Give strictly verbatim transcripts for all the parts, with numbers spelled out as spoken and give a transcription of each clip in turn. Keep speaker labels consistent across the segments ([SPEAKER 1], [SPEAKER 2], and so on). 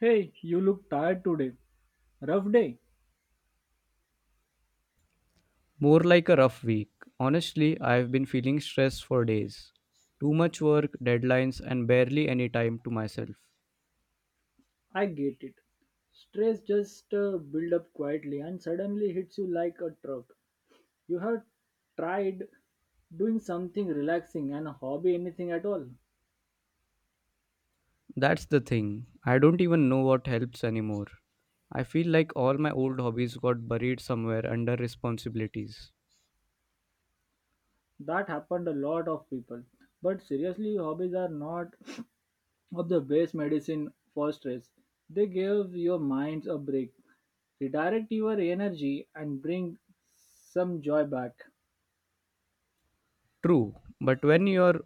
[SPEAKER 1] Hey, you look tired today. Rough day.
[SPEAKER 2] More like a rough week. Honestly, I've been feeling stressed for days. Too much work, deadlines, and barely any time to myself.
[SPEAKER 1] I get it. Stress just uh, build up quietly and suddenly hits you like a truck. You have tried doing something relaxing and a hobby anything at all.
[SPEAKER 2] That's the thing. I don't even know what helps anymore. I feel like all my old hobbies got buried somewhere under responsibilities.
[SPEAKER 1] That happened a lot of people. But seriously, hobbies are not of the best medicine for stress. They give your minds a break, redirect your energy and bring some joy back.
[SPEAKER 2] True, but when you're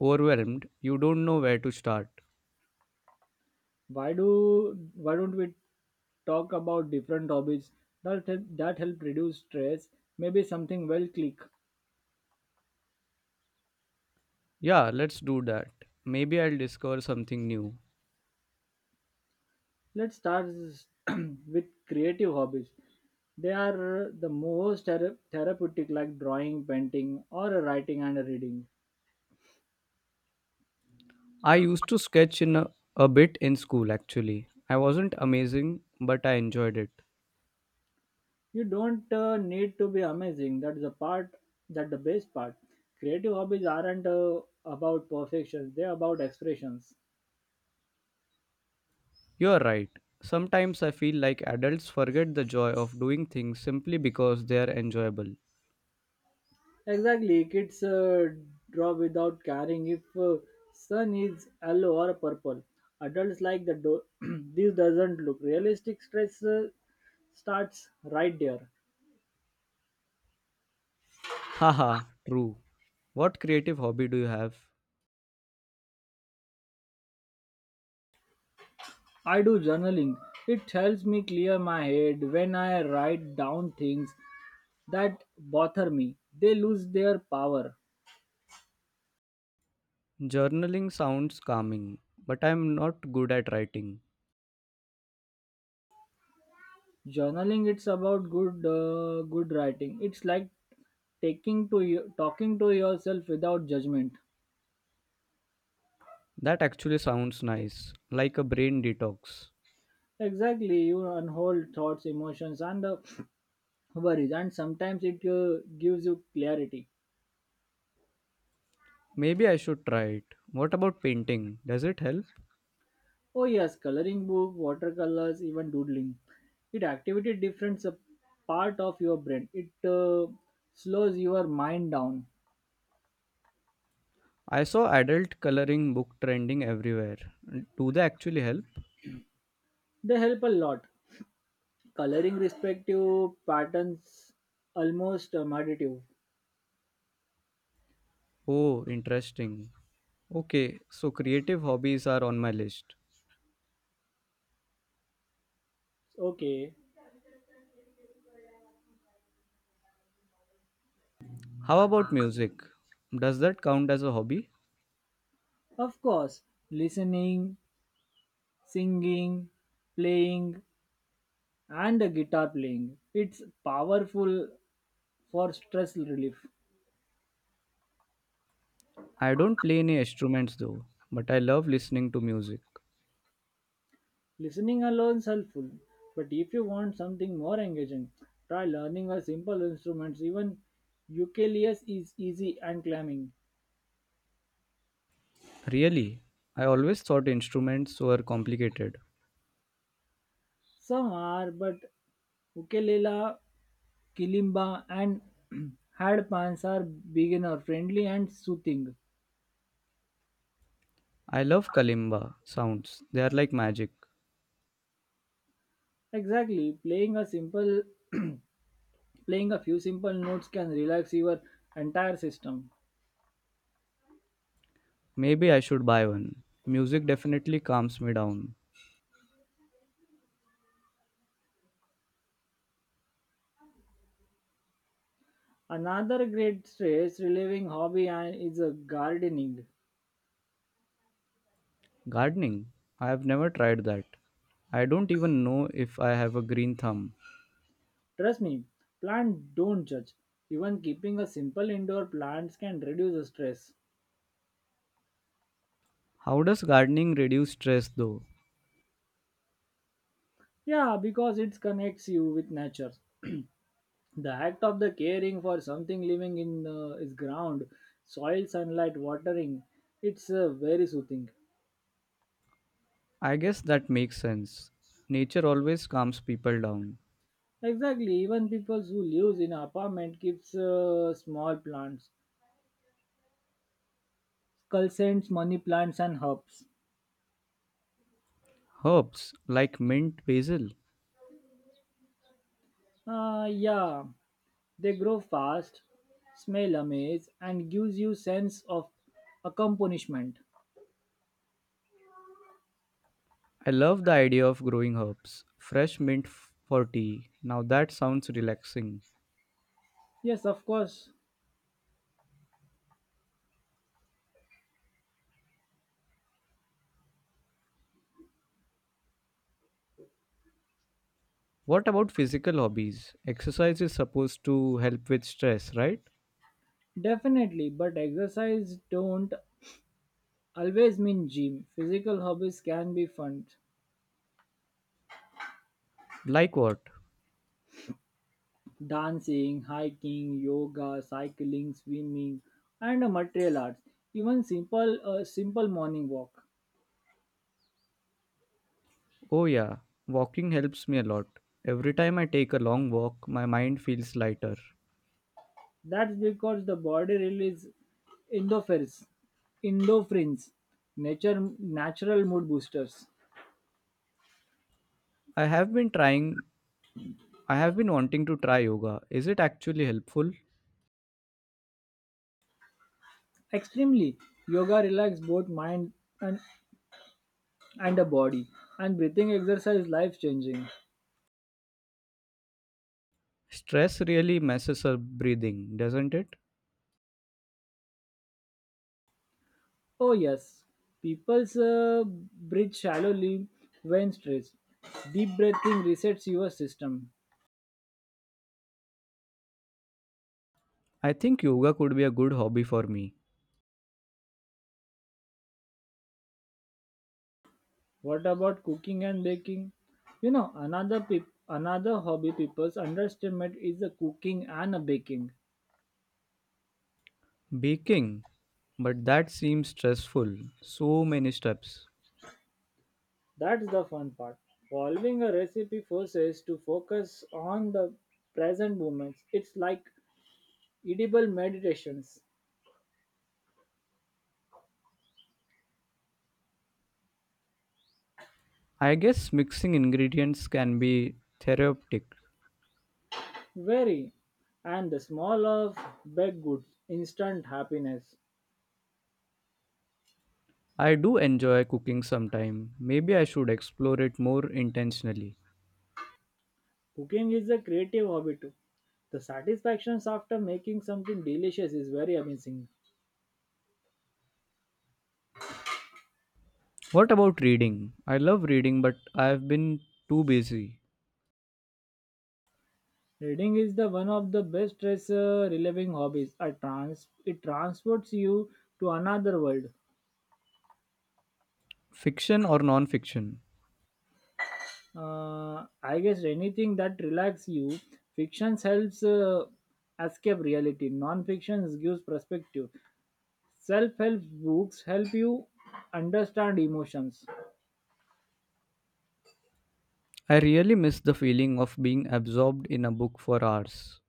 [SPEAKER 2] overwhelmed, you don't know where to start.
[SPEAKER 1] why do why don't we talk about different hobbies that help, that help reduce stress maybe something well click
[SPEAKER 2] Yeah, let's do that. Maybe I'll discover something new.
[SPEAKER 1] let's start s- with creative hobbies they are the most thera- therapeutic like drawing painting or writing and reading
[SPEAKER 2] I used to sketch in a, a bit in school actually. I wasn't amazing, but I enjoyed it.
[SPEAKER 1] you don't uh, need to be amazing that is the part that the best part creative hobbies aren't uh, about perfection they're about expressions.
[SPEAKER 2] You're right. Sometimes I feel like adults forget the joy of doing things simply because they are enjoyable.
[SPEAKER 1] Exactly, kids uh, draw without caring if uh, sun is yellow or purple. Adults like the do- this doesn't look realistic. Stress uh, starts right there.
[SPEAKER 2] Haha, true. What creative hobby do you have?
[SPEAKER 1] I do journaling. It helps me clear my head when I write down things that bother me. They lose their power.
[SPEAKER 2] Journaling sounds calming, but I'm not good at writing.
[SPEAKER 1] Journaling it's about good uh, good writing. It's like taking to you- talking to yourself without judgment.
[SPEAKER 2] That actually sounds nice, like a brain detox.
[SPEAKER 1] Exactly, you unhold thoughts, emotions, and uh, worries, and sometimes it uh, gives you clarity.
[SPEAKER 2] Maybe I should try it. What about painting? Does it help?
[SPEAKER 1] Oh, yes, coloring book, watercolors, even doodling. It activity different uh, part of your brain. It uh, slows your mind down.
[SPEAKER 2] I saw adult coloring book trending everywhere. Do they actually help?
[SPEAKER 1] They help a lot. Coloring respective patterns almost uh, meditative.
[SPEAKER 2] Oh, interesting. Okay, so creative hobbies are on my list.
[SPEAKER 1] Okay,
[SPEAKER 2] How about music? Does that count as a hobby?
[SPEAKER 1] of course, listening, singing, playing, and the guitar playing. It's powerful for stress relief.
[SPEAKER 2] I don't play any instruments though, but I love listening to music.
[SPEAKER 1] Listening alone is helpful, but if you want something more engaging, try learning a simple instrument. Even ukulele is easy and climbing.
[SPEAKER 2] Really? I always thought instruments were complicated.
[SPEAKER 1] Some are, but ukulele, kilimba, and hadpans are beginner friendly and soothing.
[SPEAKER 2] I love kalimba sounds, they are like magic.
[SPEAKER 1] Exactly, playing a simple playing a few simple notes can relax your entire system.
[SPEAKER 2] Maybe I should buy one. Music definitely calms me down.
[SPEAKER 1] Another great stress relieving hobby and- is uh, gardening.
[SPEAKER 2] Gardening? I have never tried that. I don't even know if I have a green thumb.
[SPEAKER 1] Trust me, plants don't judge. Even keeping a simple indoor plants can reduce the stress.
[SPEAKER 2] How does gardening reduce stress though?
[SPEAKER 1] Yeah, because it connects you with nature. The act of the caring for something living in uh, its ground, soil, sunlight, watering, it's uh, very soothing.
[SPEAKER 2] I guess that makes sense. Nature always calms people down.
[SPEAKER 1] Exactly, even people who lives in apartment keeps uh, small plants, culsents, money plants and herbs.
[SPEAKER 2] Herbs like mint basil.
[SPEAKER 1] Uh, yeah, they grow fast, smell amaze, and gives you sense of accomplishment.
[SPEAKER 2] I love the idea of growing herbs. Fresh mint f- for tea. Now that sounds relaxing.
[SPEAKER 1] Yes, of course,
[SPEAKER 2] What about physical hobbies? Exercise is supposed to help with stress, right?
[SPEAKER 1] definitely. But exercise don't always mean gym. Physical hobbies can be fun:
[SPEAKER 2] Like what?
[SPEAKER 1] dancing, hiking, yoga, cycling, swimming, and uh, material arts. Even simple, uh, simple morning walk.
[SPEAKER 2] Oh, yeah, walking helps me a lot. Every time I take a long walk, my mind feels lighter.
[SPEAKER 1] That's because the body releases endorphins, endorphins, nature, natural mood boosters.
[SPEAKER 2] I have been trying, I have been wanting to try yoga. Is it actually helpful?
[SPEAKER 1] Extremely, yoga relaxes both mind and, and the body, and breathing exercise life changing.
[SPEAKER 2] Stress really messes up breathing, doesn't it?
[SPEAKER 1] Oh, yes, people's uh, breathe shallowly when stressed. Deep breathing resets your system.
[SPEAKER 2] I think yoga could be a good hobby for me.
[SPEAKER 1] What about cooking and baking? You know, another peop another hobby people's underestimate is the cooking and the baking.
[SPEAKER 2] Baking, but that seems stressful. So many steps.
[SPEAKER 1] That's the fun part. Following a recipe forces to focus on the present moments. It's like edible meditations.
[SPEAKER 2] I guess mixing ingredients can be therapeutic.
[SPEAKER 1] Very. And the small of baked goods, instant happiness.
[SPEAKER 2] I do enjoy cooking sometime. Maybe I should explore it more intentionally.
[SPEAKER 1] Cooking is a creative hobby too. The satisfactions after making something delicious is very amazing.
[SPEAKER 2] What about reading? I love reading, but I've been too busy.
[SPEAKER 1] Reading is the one of the best stress uh, relieving hobbies. I trans- it transports you to another world.
[SPEAKER 2] Fiction or non fiction?
[SPEAKER 1] Uh, I guess anything that relaxes you, fiction helps uh, escape reality. Non-fiction gives perspective. Self-help books help you understand emotions.
[SPEAKER 2] I really miss the feeling of being absorbed in a book for hours.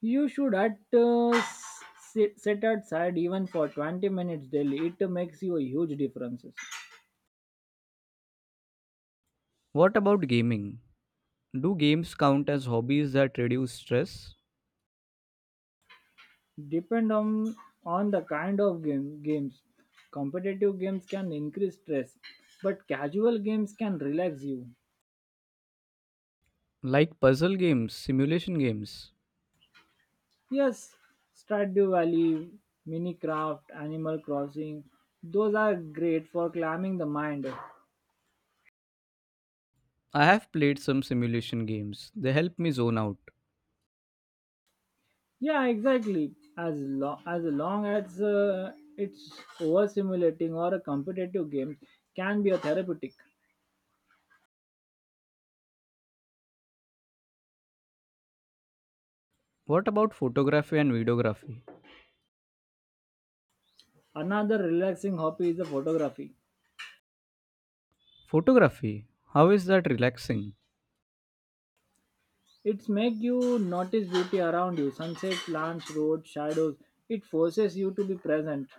[SPEAKER 1] You should at uh, s- sit, sit outside even for twenty minutes daily. It makes you a huge differences.
[SPEAKER 2] What about gaming? Do games count as hobbies that reduce stress?
[SPEAKER 1] Depend on on the kind of game games. Competitive games can increase stress, but casual games can relax you.
[SPEAKER 2] Like puzzle games, simulation games?
[SPEAKER 1] Yes, Stardew Valley, Minecraft, Animal Crossing, those are great for calming the mind.
[SPEAKER 2] I have played some simulation games. They help me zone out.
[SPEAKER 1] Yeah, exactly. As long as long as uh, it's overstimulating or a competitive game can be a therapeutic.
[SPEAKER 2] What about photography and videography?
[SPEAKER 1] Another relaxing hobby is a photography.
[SPEAKER 2] Photography, how is that relaxing?
[SPEAKER 1] It's make you notice beauty around you, sunset, plants, roads, shadows. It forces you to be present.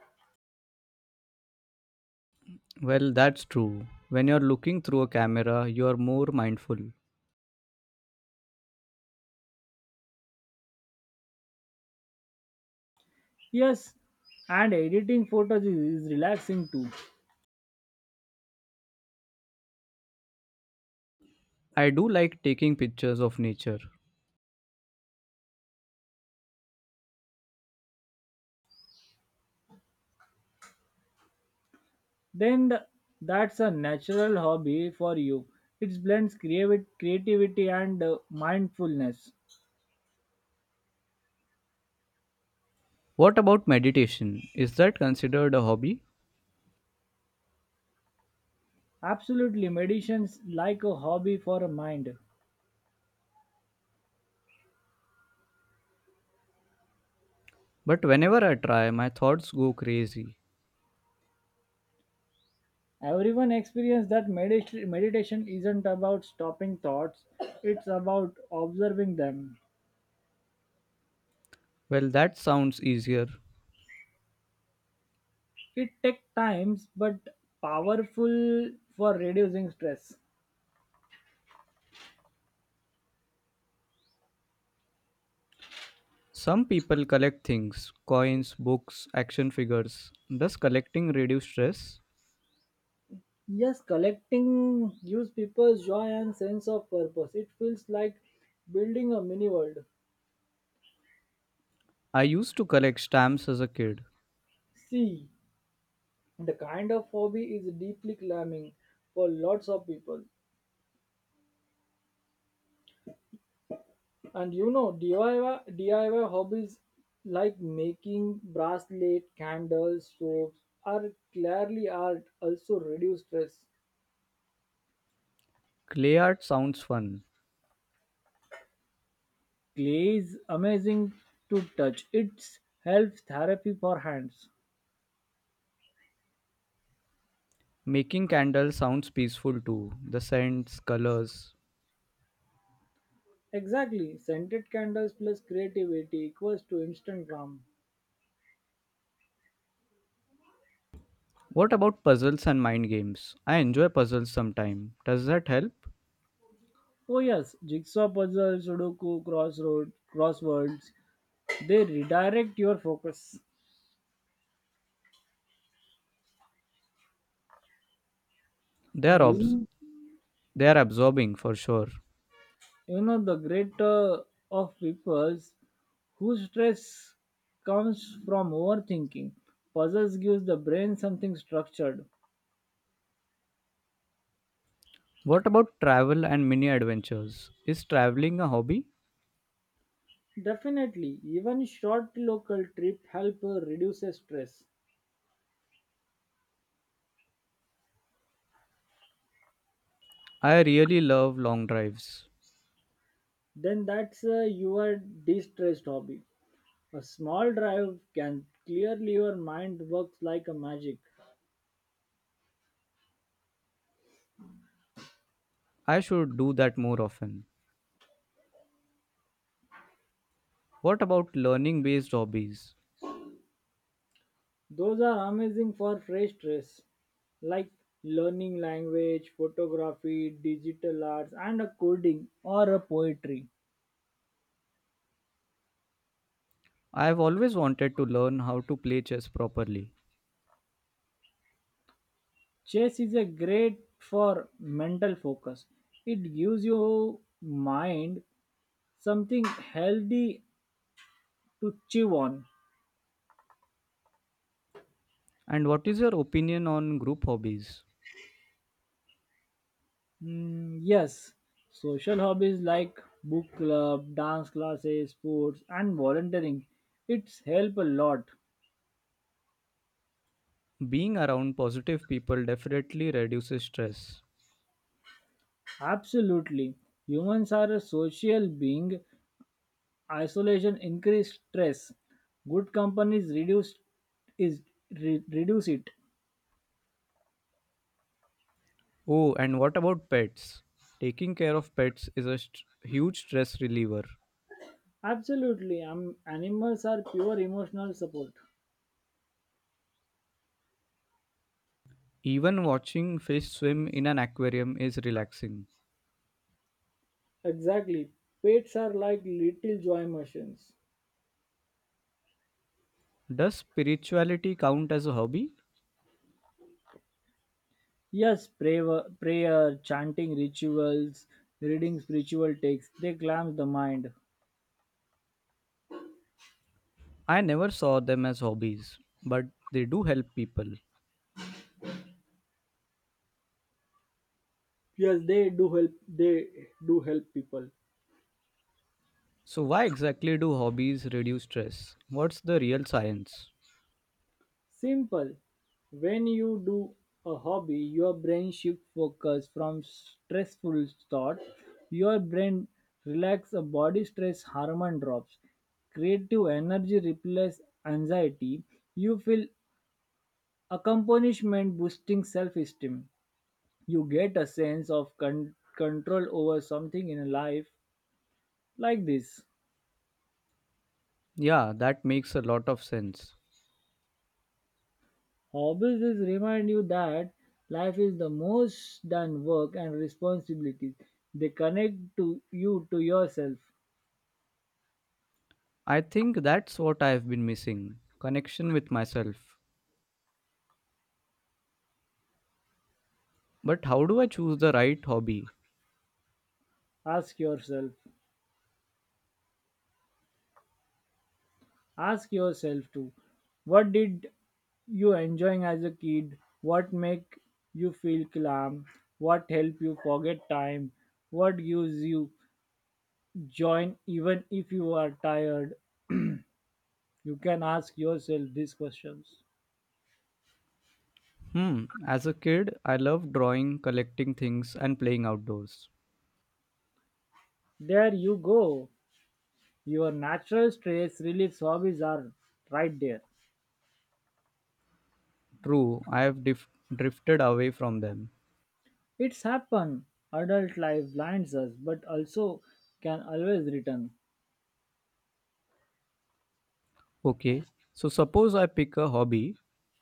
[SPEAKER 2] Well, that's true. When you're looking through a camera, you're more mindful.
[SPEAKER 1] Yes, and editing photos is, is relaxing too.
[SPEAKER 2] I do like taking pictures of nature.
[SPEAKER 1] Then th- that's a natural hobby for you. It blends creavi- creativity and uh, mindfulness.
[SPEAKER 2] What about meditation? Is that considered a hobby?
[SPEAKER 1] Absolutely, meditation's like a hobby for a mind.
[SPEAKER 2] But whenever I try, my thoughts go crazy.
[SPEAKER 1] Everyone experience that medit- meditation isn't about stopping thoughts, it's about observing them.
[SPEAKER 2] Well, that sounds easier.
[SPEAKER 1] It takes times but powerful for reducing stress.
[SPEAKER 2] Some people collect things coins, books, action figures. Does collecting reduce stress?
[SPEAKER 1] Yes, collecting gives people joy and sense of purpose. It feels like building a mini world.
[SPEAKER 2] I used to collect stamps as a kid.
[SPEAKER 1] See, the kind of hobby is deeply climbing for lots of people. And you know, DIY, D I Y hobbies like making bracelet, candles, soaps are clearly art, also reduce stress.
[SPEAKER 2] Clay art sounds fun.
[SPEAKER 1] Clay is amazing to touch. It's helps therapy for hands.
[SPEAKER 2] Making candles sounds peaceful too. The scents, colors.
[SPEAKER 1] Exactly, scented candles plus creativity equals to instant calm.
[SPEAKER 2] What about puzzles and mind games? I enjoy puzzles sometime. Does that help?
[SPEAKER 1] Oh yes, jigsaw puzzles, sudoku, crossroad, crosswords. They redirect your focus.
[SPEAKER 2] They are
[SPEAKER 1] And
[SPEAKER 2] obs-
[SPEAKER 1] you,
[SPEAKER 2] they are absorbing for sure.
[SPEAKER 1] you know the greater of peoples whose stress comes from overthinking. Puzzles gives the brain something structured.
[SPEAKER 2] What about travel and mini adventures? Is traveling a hobby?
[SPEAKER 1] Definitely, even short local trip help uh, reduce stress.
[SPEAKER 2] I really love long drives.
[SPEAKER 1] Then that's uh, your de-stressed hobby. A small drive can clearly your mind works like a magic.
[SPEAKER 2] I should do that more often. What about learning based hobbies?
[SPEAKER 1] Those are amazing for fresh stress, like learning language, photography, digital arts, and a coding or a poetry.
[SPEAKER 2] I have always wanted to learn how to play chess properly.
[SPEAKER 1] Chess is a great for mental focus. It gives your mind something healthy to chew on.
[SPEAKER 2] And what is your opinion on group hobbies?
[SPEAKER 1] Mm, yes, social hobbies like book club, dance classes, sports, and volunteering. It's help a lot.
[SPEAKER 2] Being around positive people definitely reduces stress.
[SPEAKER 1] Absolutely. Humans are a social being. Isolation increase stress. Good companies reduce is re- reduce it.
[SPEAKER 2] Oh, and what about pets? Taking care of pets is a st- huge stress reliever.
[SPEAKER 1] Absolutely, um, animals are pure emotional support.
[SPEAKER 2] Even watching fish swim in an aquarium is relaxing.
[SPEAKER 1] Exactly. Pets are like little joy machines.
[SPEAKER 2] Does spirituality count as a hobby?
[SPEAKER 1] Yes, prayer, prayer, chanting rituals, reading spiritual texts, they calm the mind.
[SPEAKER 2] I never saw them as hobbies, but they do help people.
[SPEAKER 1] Yes, they do help. They do help people.
[SPEAKER 2] So, why exactly do hobbies reduce stress? What's the real science?
[SPEAKER 1] Simple. When you do a hobby, your brain shifts focus from stressful thought. Your brain relax a body stress hormone drops. Creative energy replaces anxiety. You feel accomplishment boosting self-esteem. You get a sense of con- control over something in life like this.
[SPEAKER 2] Yeah, that makes a lot of sense.
[SPEAKER 1] Hobbies is remind you that life is the most than work and responsibilities. They connect to you to yourself.
[SPEAKER 2] I think that's what I've been missing connection with myself. But how do I choose the right hobby?
[SPEAKER 1] Ask yourself. Ask yourself too. What did you enjoying as a kid? What make you feel calm? What help you forget time? What gives you joy even if you are tired? You can ask yourself these questions.
[SPEAKER 2] Hmm, as a kid, I loved drawing, collecting things, and playing outdoors.
[SPEAKER 1] There you go. Your natural stress relief hobbies are right there.
[SPEAKER 2] True, I have dif- drifted away from them.
[SPEAKER 1] It's happen. Adult life blinds us, but also can always return.
[SPEAKER 2] Okay, so suppose I pick a hobby,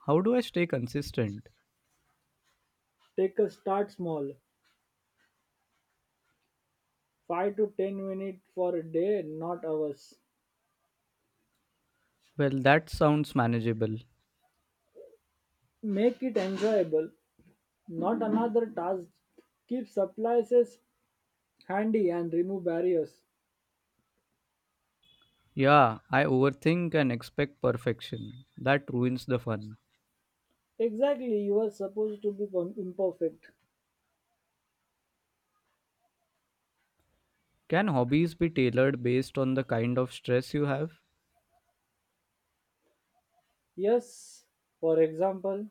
[SPEAKER 2] how do I stay consistent?
[SPEAKER 1] Take a start small, five to ten minutes for a day, not hours.
[SPEAKER 2] Well, that sounds manageable.
[SPEAKER 1] Make it enjoyable, not another task. Keep supplies handy and remove barriers.
[SPEAKER 2] Yeah, I overthink and expect perfection. That ruins the fun.
[SPEAKER 1] Exactly, you are supposed to be imperfect.
[SPEAKER 2] Can hobbies be tailored based on the kind of stress you have?
[SPEAKER 1] Yes, for example,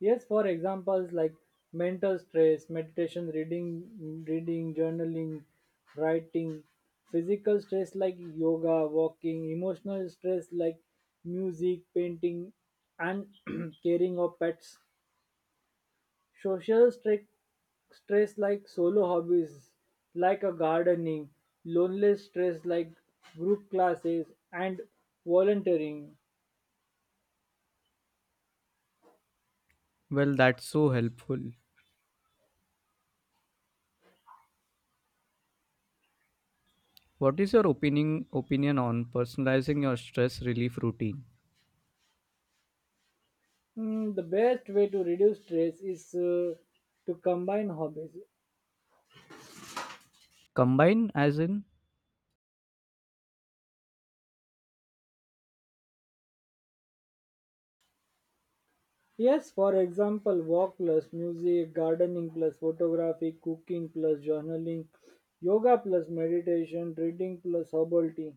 [SPEAKER 1] Yes, for examples like mental stress, meditation, reading, reading, journaling, writing, physical stress like yoga, walking, emotional stress like music, painting, and caring of pets, social stress, stress like solo hobbies like a gardening, lonely stress like group classes and volunteering.
[SPEAKER 2] Well, that's so helpful. What is your opinion opinion on personalizing your stress relief routine?
[SPEAKER 1] Mm, the best way to reduce stress is uh, to combine hobbies.
[SPEAKER 2] Combine as in
[SPEAKER 1] Yes, for example, walk plus music, gardening plus photography, cooking plus journaling, yoga plus meditation, reading plus herbal tea.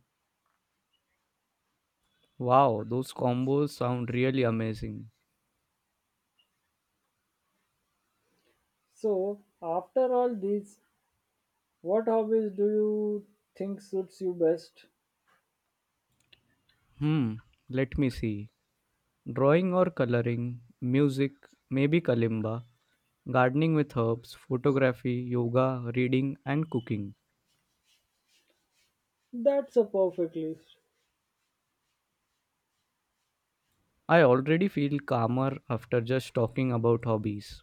[SPEAKER 2] wow, those combos sound really amazing.
[SPEAKER 1] So, after all these, what hobbies do you think suits you best?
[SPEAKER 2] Hmm, let me see. Drawing or coloring, music, maybe kalimba, gardening with herbs, photography, yoga, reading and cooking.
[SPEAKER 1] That's a perfect list.
[SPEAKER 2] I already feel calmer after just talking about hobbies.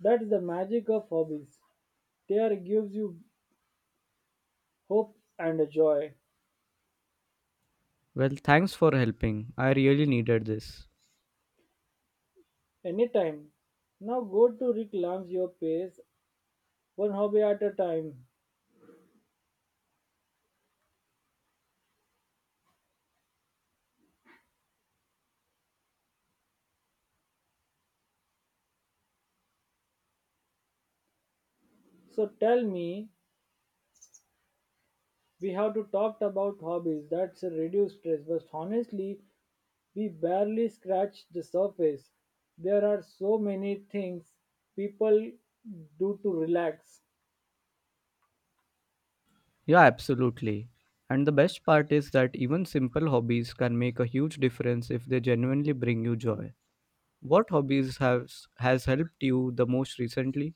[SPEAKER 1] That's the magic of hobbies. They are gives you hope and a joy
[SPEAKER 2] Well, thanks for helping. I really needed this.
[SPEAKER 1] anytime. Now go to reclaim your pace one hobby at a time. So tell me, we have to talked about hobbies that's a reduced stress, but honestly, we barely scratch the surface. There are so many things people do to relax.
[SPEAKER 2] Yeah, absolutely. And the best part is that even simple hobbies can make a huge difference if they genuinely bring you joy. What hobbies has has helped you the most recently?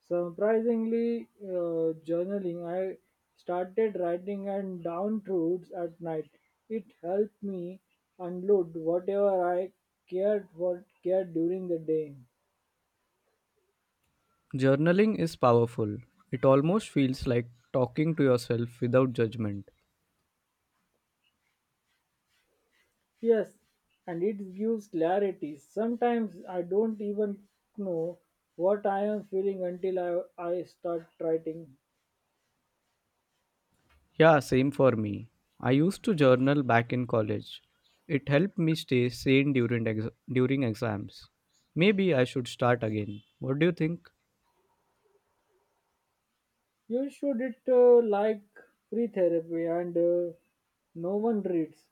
[SPEAKER 1] Surprisingly, uh, journaling. I started writing and down truths at night. It helped me unload whatever I cared what cared during the day.
[SPEAKER 2] Journaling is powerful. It almost feels like talking to yourself without judgment.
[SPEAKER 1] Yes, and it gives clarity. Sometimes I don't even know what I am feeling until I, I start writing.
[SPEAKER 2] Yeah, same for me. I used to journal back in college. It helped me stay sane during ex- during exams. Maybe I should start again. What do you think?
[SPEAKER 1] You should it uh, like free therapy and uh, no one reads.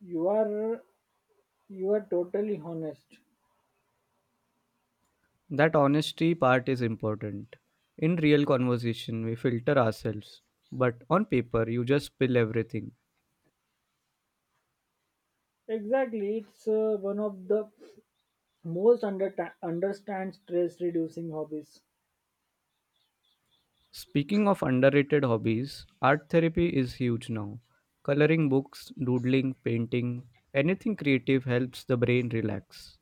[SPEAKER 1] You are you are totally honest.
[SPEAKER 2] That honesty part is important. In real conversation, we filter ourselves, but on paper, you just spill everything.
[SPEAKER 1] Exactly, it's uh, one of the most under understand stress reducing hobbies.
[SPEAKER 2] Speaking of underrated hobbies, art therapy is huge now. Coloring books, doodling, painting, anything creative helps the brain relax.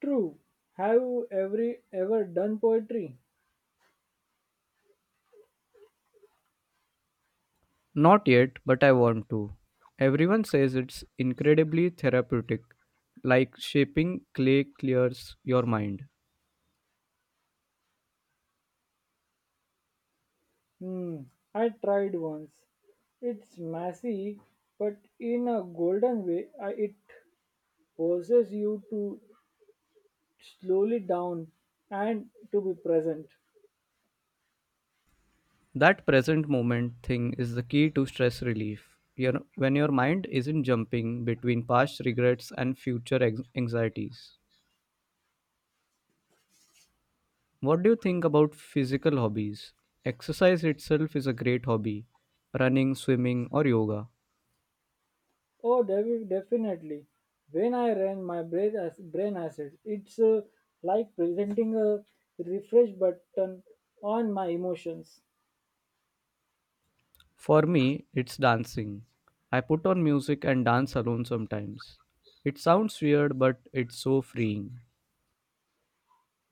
[SPEAKER 1] True. Have you every ever done poetry?
[SPEAKER 2] Not yet, but I want to. Everyone says it's incredibly therapeutic, like shaping clay clears your mind.
[SPEAKER 1] Hmm, I tried once. It's messy, but in a golden way, I, it forces you to slowly down and to be present.
[SPEAKER 2] That present moment thing is the key to stress relief. You know, when your mind isn't jumping between past regrets and future ex- anxieties. What do you think about physical hobbies? Exercise itself is a great hobby running, swimming, or yoga.
[SPEAKER 1] Oh, David, definitely. When I ran my brain, as, brain acid, it's uh, like presenting a refresh button on my emotions.
[SPEAKER 2] For me, it's dancing. I put on music and dance alone sometimes. It sounds weird, but it's so freeing.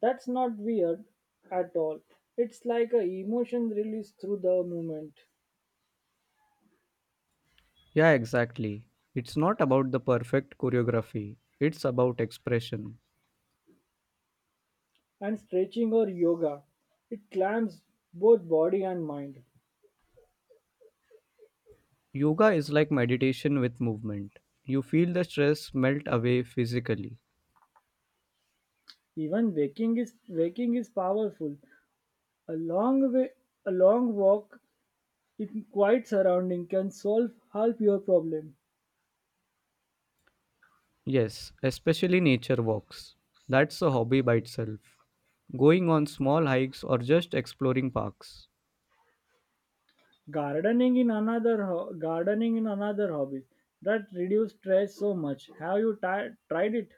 [SPEAKER 1] That's not weird at all. It's like a emotion release through the movement.
[SPEAKER 2] Yeah, exactly. It's not about the perfect choreography, it's about expression.
[SPEAKER 1] And stretching or yoga. It calms both body and mind.
[SPEAKER 2] Yoga is like meditation with movement. You feel the stress melt away physically.
[SPEAKER 1] Even waking is waking is powerful. A long way, a long walk in quiet surrounding can solve half your problem.
[SPEAKER 2] Yes, especially nature walks. That's a hobby by itself. Going on small hikes or just exploring parks.
[SPEAKER 1] Gardening in another ho- gardening in another hobby that reduce stress so much. Have you ti- tried it?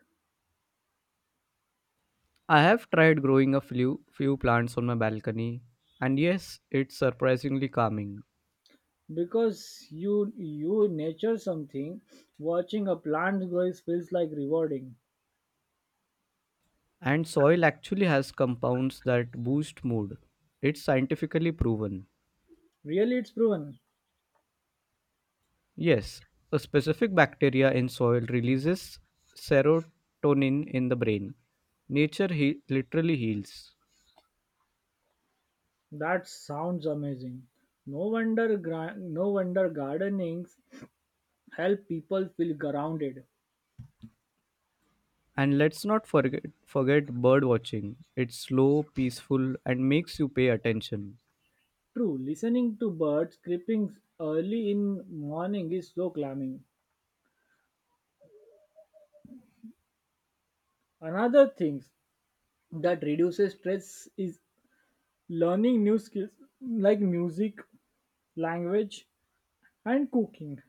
[SPEAKER 2] I have tried growing a few, few plants on my balcony, and yes, it's surprisingly calming.
[SPEAKER 1] Because you you nature something, watching a plant grow is- feels like rewarding.
[SPEAKER 2] And soil actually has compounds that boost mood. It's scientifically proven.
[SPEAKER 1] Really, it's proven.
[SPEAKER 2] Yes, a specific bacteria in soil releases serotonin in the brain. Nature he- literally heals.
[SPEAKER 1] That sounds amazing. No wonder gra- no wonder gardenings help people feel grounded.
[SPEAKER 2] And let's not forget, forget bird watching. It's slow, peaceful, and makes you pay attention.
[SPEAKER 1] True, listening to birds creeping early in morning is so calming. Another thing that reduces stress is learning new skills like music, language and cooking.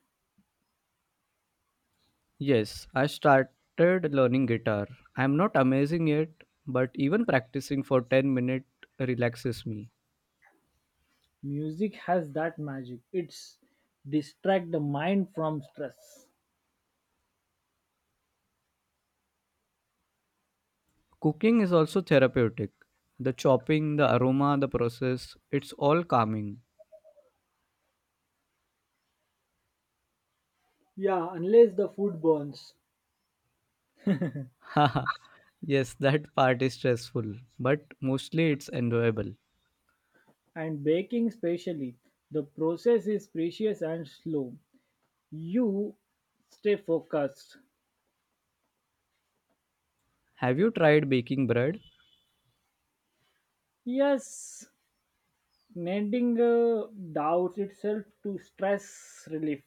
[SPEAKER 2] Yes, I started learning guitar. I'm not amazing yet, but even practicing for ten minutes relaxes me.
[SPEAKER 1] Music has that magic. It's distract the mind from stress.
[SPEAKER 2] Cooking is also therapeutic. The chopping, the aroma, the process, it's all calming.
[SPEAKER 1] Yeah, unless the food burns.
[SPEAKER 2] Haha, Yes, that part is stressful, but mostly it's enjoyable.
[SPEAKER 1] And baking specially the process is precious and slow you stay focused.
[SPEAKER 2] Have you tried baking bread?
[SPEAKER 1] Yes, mending uh, doubt itself to stress relief.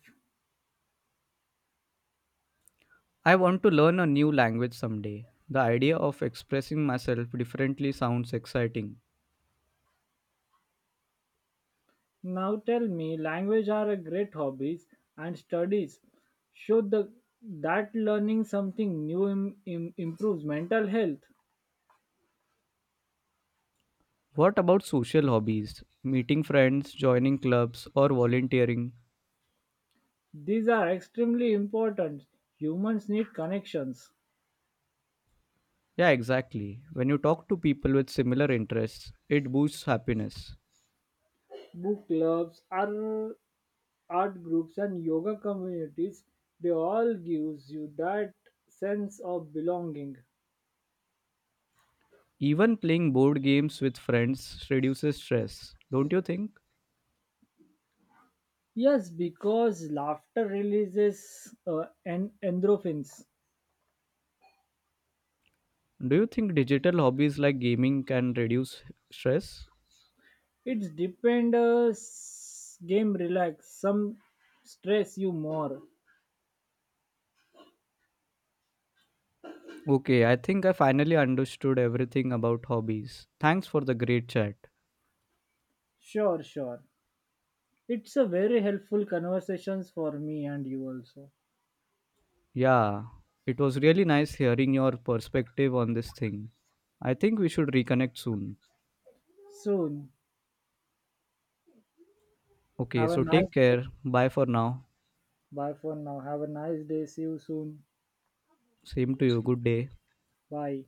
[SPEAKER 2] I want to learn a new language someday. The idea of expressing myself differently sounds exciting.
[SPEAKER 1] Now tell me language are a great hobbies and studies show the that learning something new im- im- improves mental health.
[SPEAKER 2] What about social hobbies? Meeting friends, joining clubs, or volunteering?
[SPEAKER 1] These are extremely important humans need connections.
[SPEAKER 2] Yeah, exactly. When you talk to people with similar interests, it boosts happiness.
[SPEAKER 1] Book clubs are art groups and yoga communities they all gives you that sense of belonging.
[SPEAKER 2] Even playing board games with friends reduces stress, don't you think?
[SPEAKER 1] Yes, because laughter releases uh, and endorphins.
[SPEAKER 2] Do you think digital hobbies like gaming can reduce stress?
[SPEAKER 1] It's depend uh, s- game relax some stress you more.
[SPEAKER 2] Okay, I think I finally understood everything about hobbies. Thanks for the great chat.
[SPEAKER 1] Sure, sure, it's a very helpful conversations for me and you also.
[SPEAKER 2] Yeah, it was really nice hearing your perspective on this thing. I think we should reconnect soon.
[SPEAKER 1] Soon.
[SPEAKER 2] Okay,
[SPEAKER 1] Have a
[SPEAKER 2] so
[SPEAKER 1] nice
[SPEAKER 2] take
[SPEAKER 1] day.
[SPEAKER 2] care. Bye for now.
[SPEAKER 1] Bye for now, have a nice day, see you soon.
[SPEAKER 2] Same to you. Good day.
[SPEAKER 1] Bye.